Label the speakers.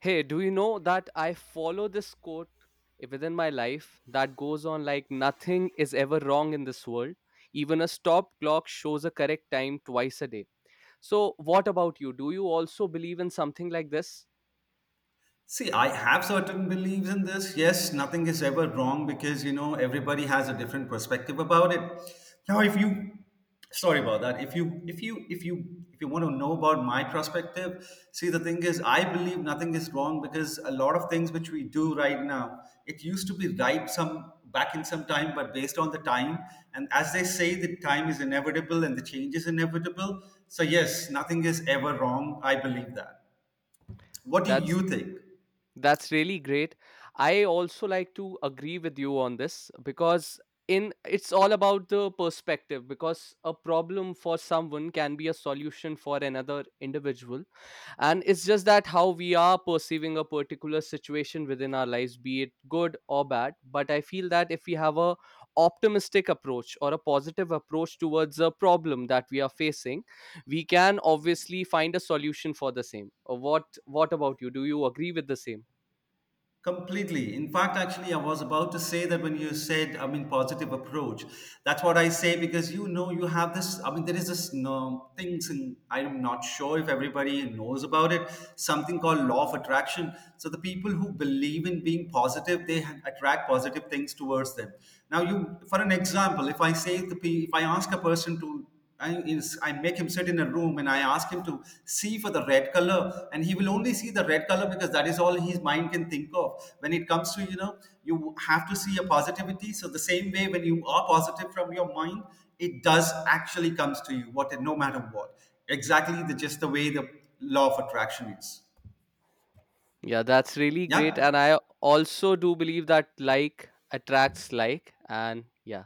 Speaker 1: Hey, do you know that I follow this quote within my life that goes on like nothing is ever wrong in this world. Even a stop clock shows a correct time twice a day. So what about you? Do you also believe in something like this?
Speaker 2: See, I have certain beliefs in this. Yes, nothing is ever wrong because everybody has a different perspective about it. Now, if you, sorry about that. If you want to know about my perspective, see, the thing is, I believe nothing is wrong because a lot of things which we do right now, it used to be right some back in some time, but based on the time, and as they say, the time is inevitable and the change is inevitable. So yes, nothing is ever wrong. I believe that. What do
Speaker 1: That's
Speaker 2: you think?
Speaker 1: that's really great. I also like to agree with you on this because in it's all about the perspective, because a problem for someone can be a solution for another individual, and it's just that how we are perceiving a particular situation within our lives, be it good or bad. But I feel that if we have a optimistic approach or a positive approach towards a problem that we are facing, we can obviously find a solution for the same. What about you, do you agree with the same?
Speaker 2: Completely. In fact, actually, I was about to say that when you said, I mean, positive approach. That's what I say because you have this. I mean, there is this no, things, and I'm not sure if everybody knows about it. Something called law of attraction. So the people who believe in being positive, attract positive things towards them. Now, you, for an example, if I say the, pe- if I ask a person I make him sit in a room and I ask him to see for the red color, and he will only see the red color because that is all his mind can think of. When it comes to, you have to see a positivity. So, the same way when you are positive from your mind, it does actually comes to you, what no matter what. Exactly the just the way the law of attraction is.
Speaker 1: Yeah, that's really great, and
Speaker 2: Yeah.
Speaker 1: I also do believe that like attracts like. And yeah.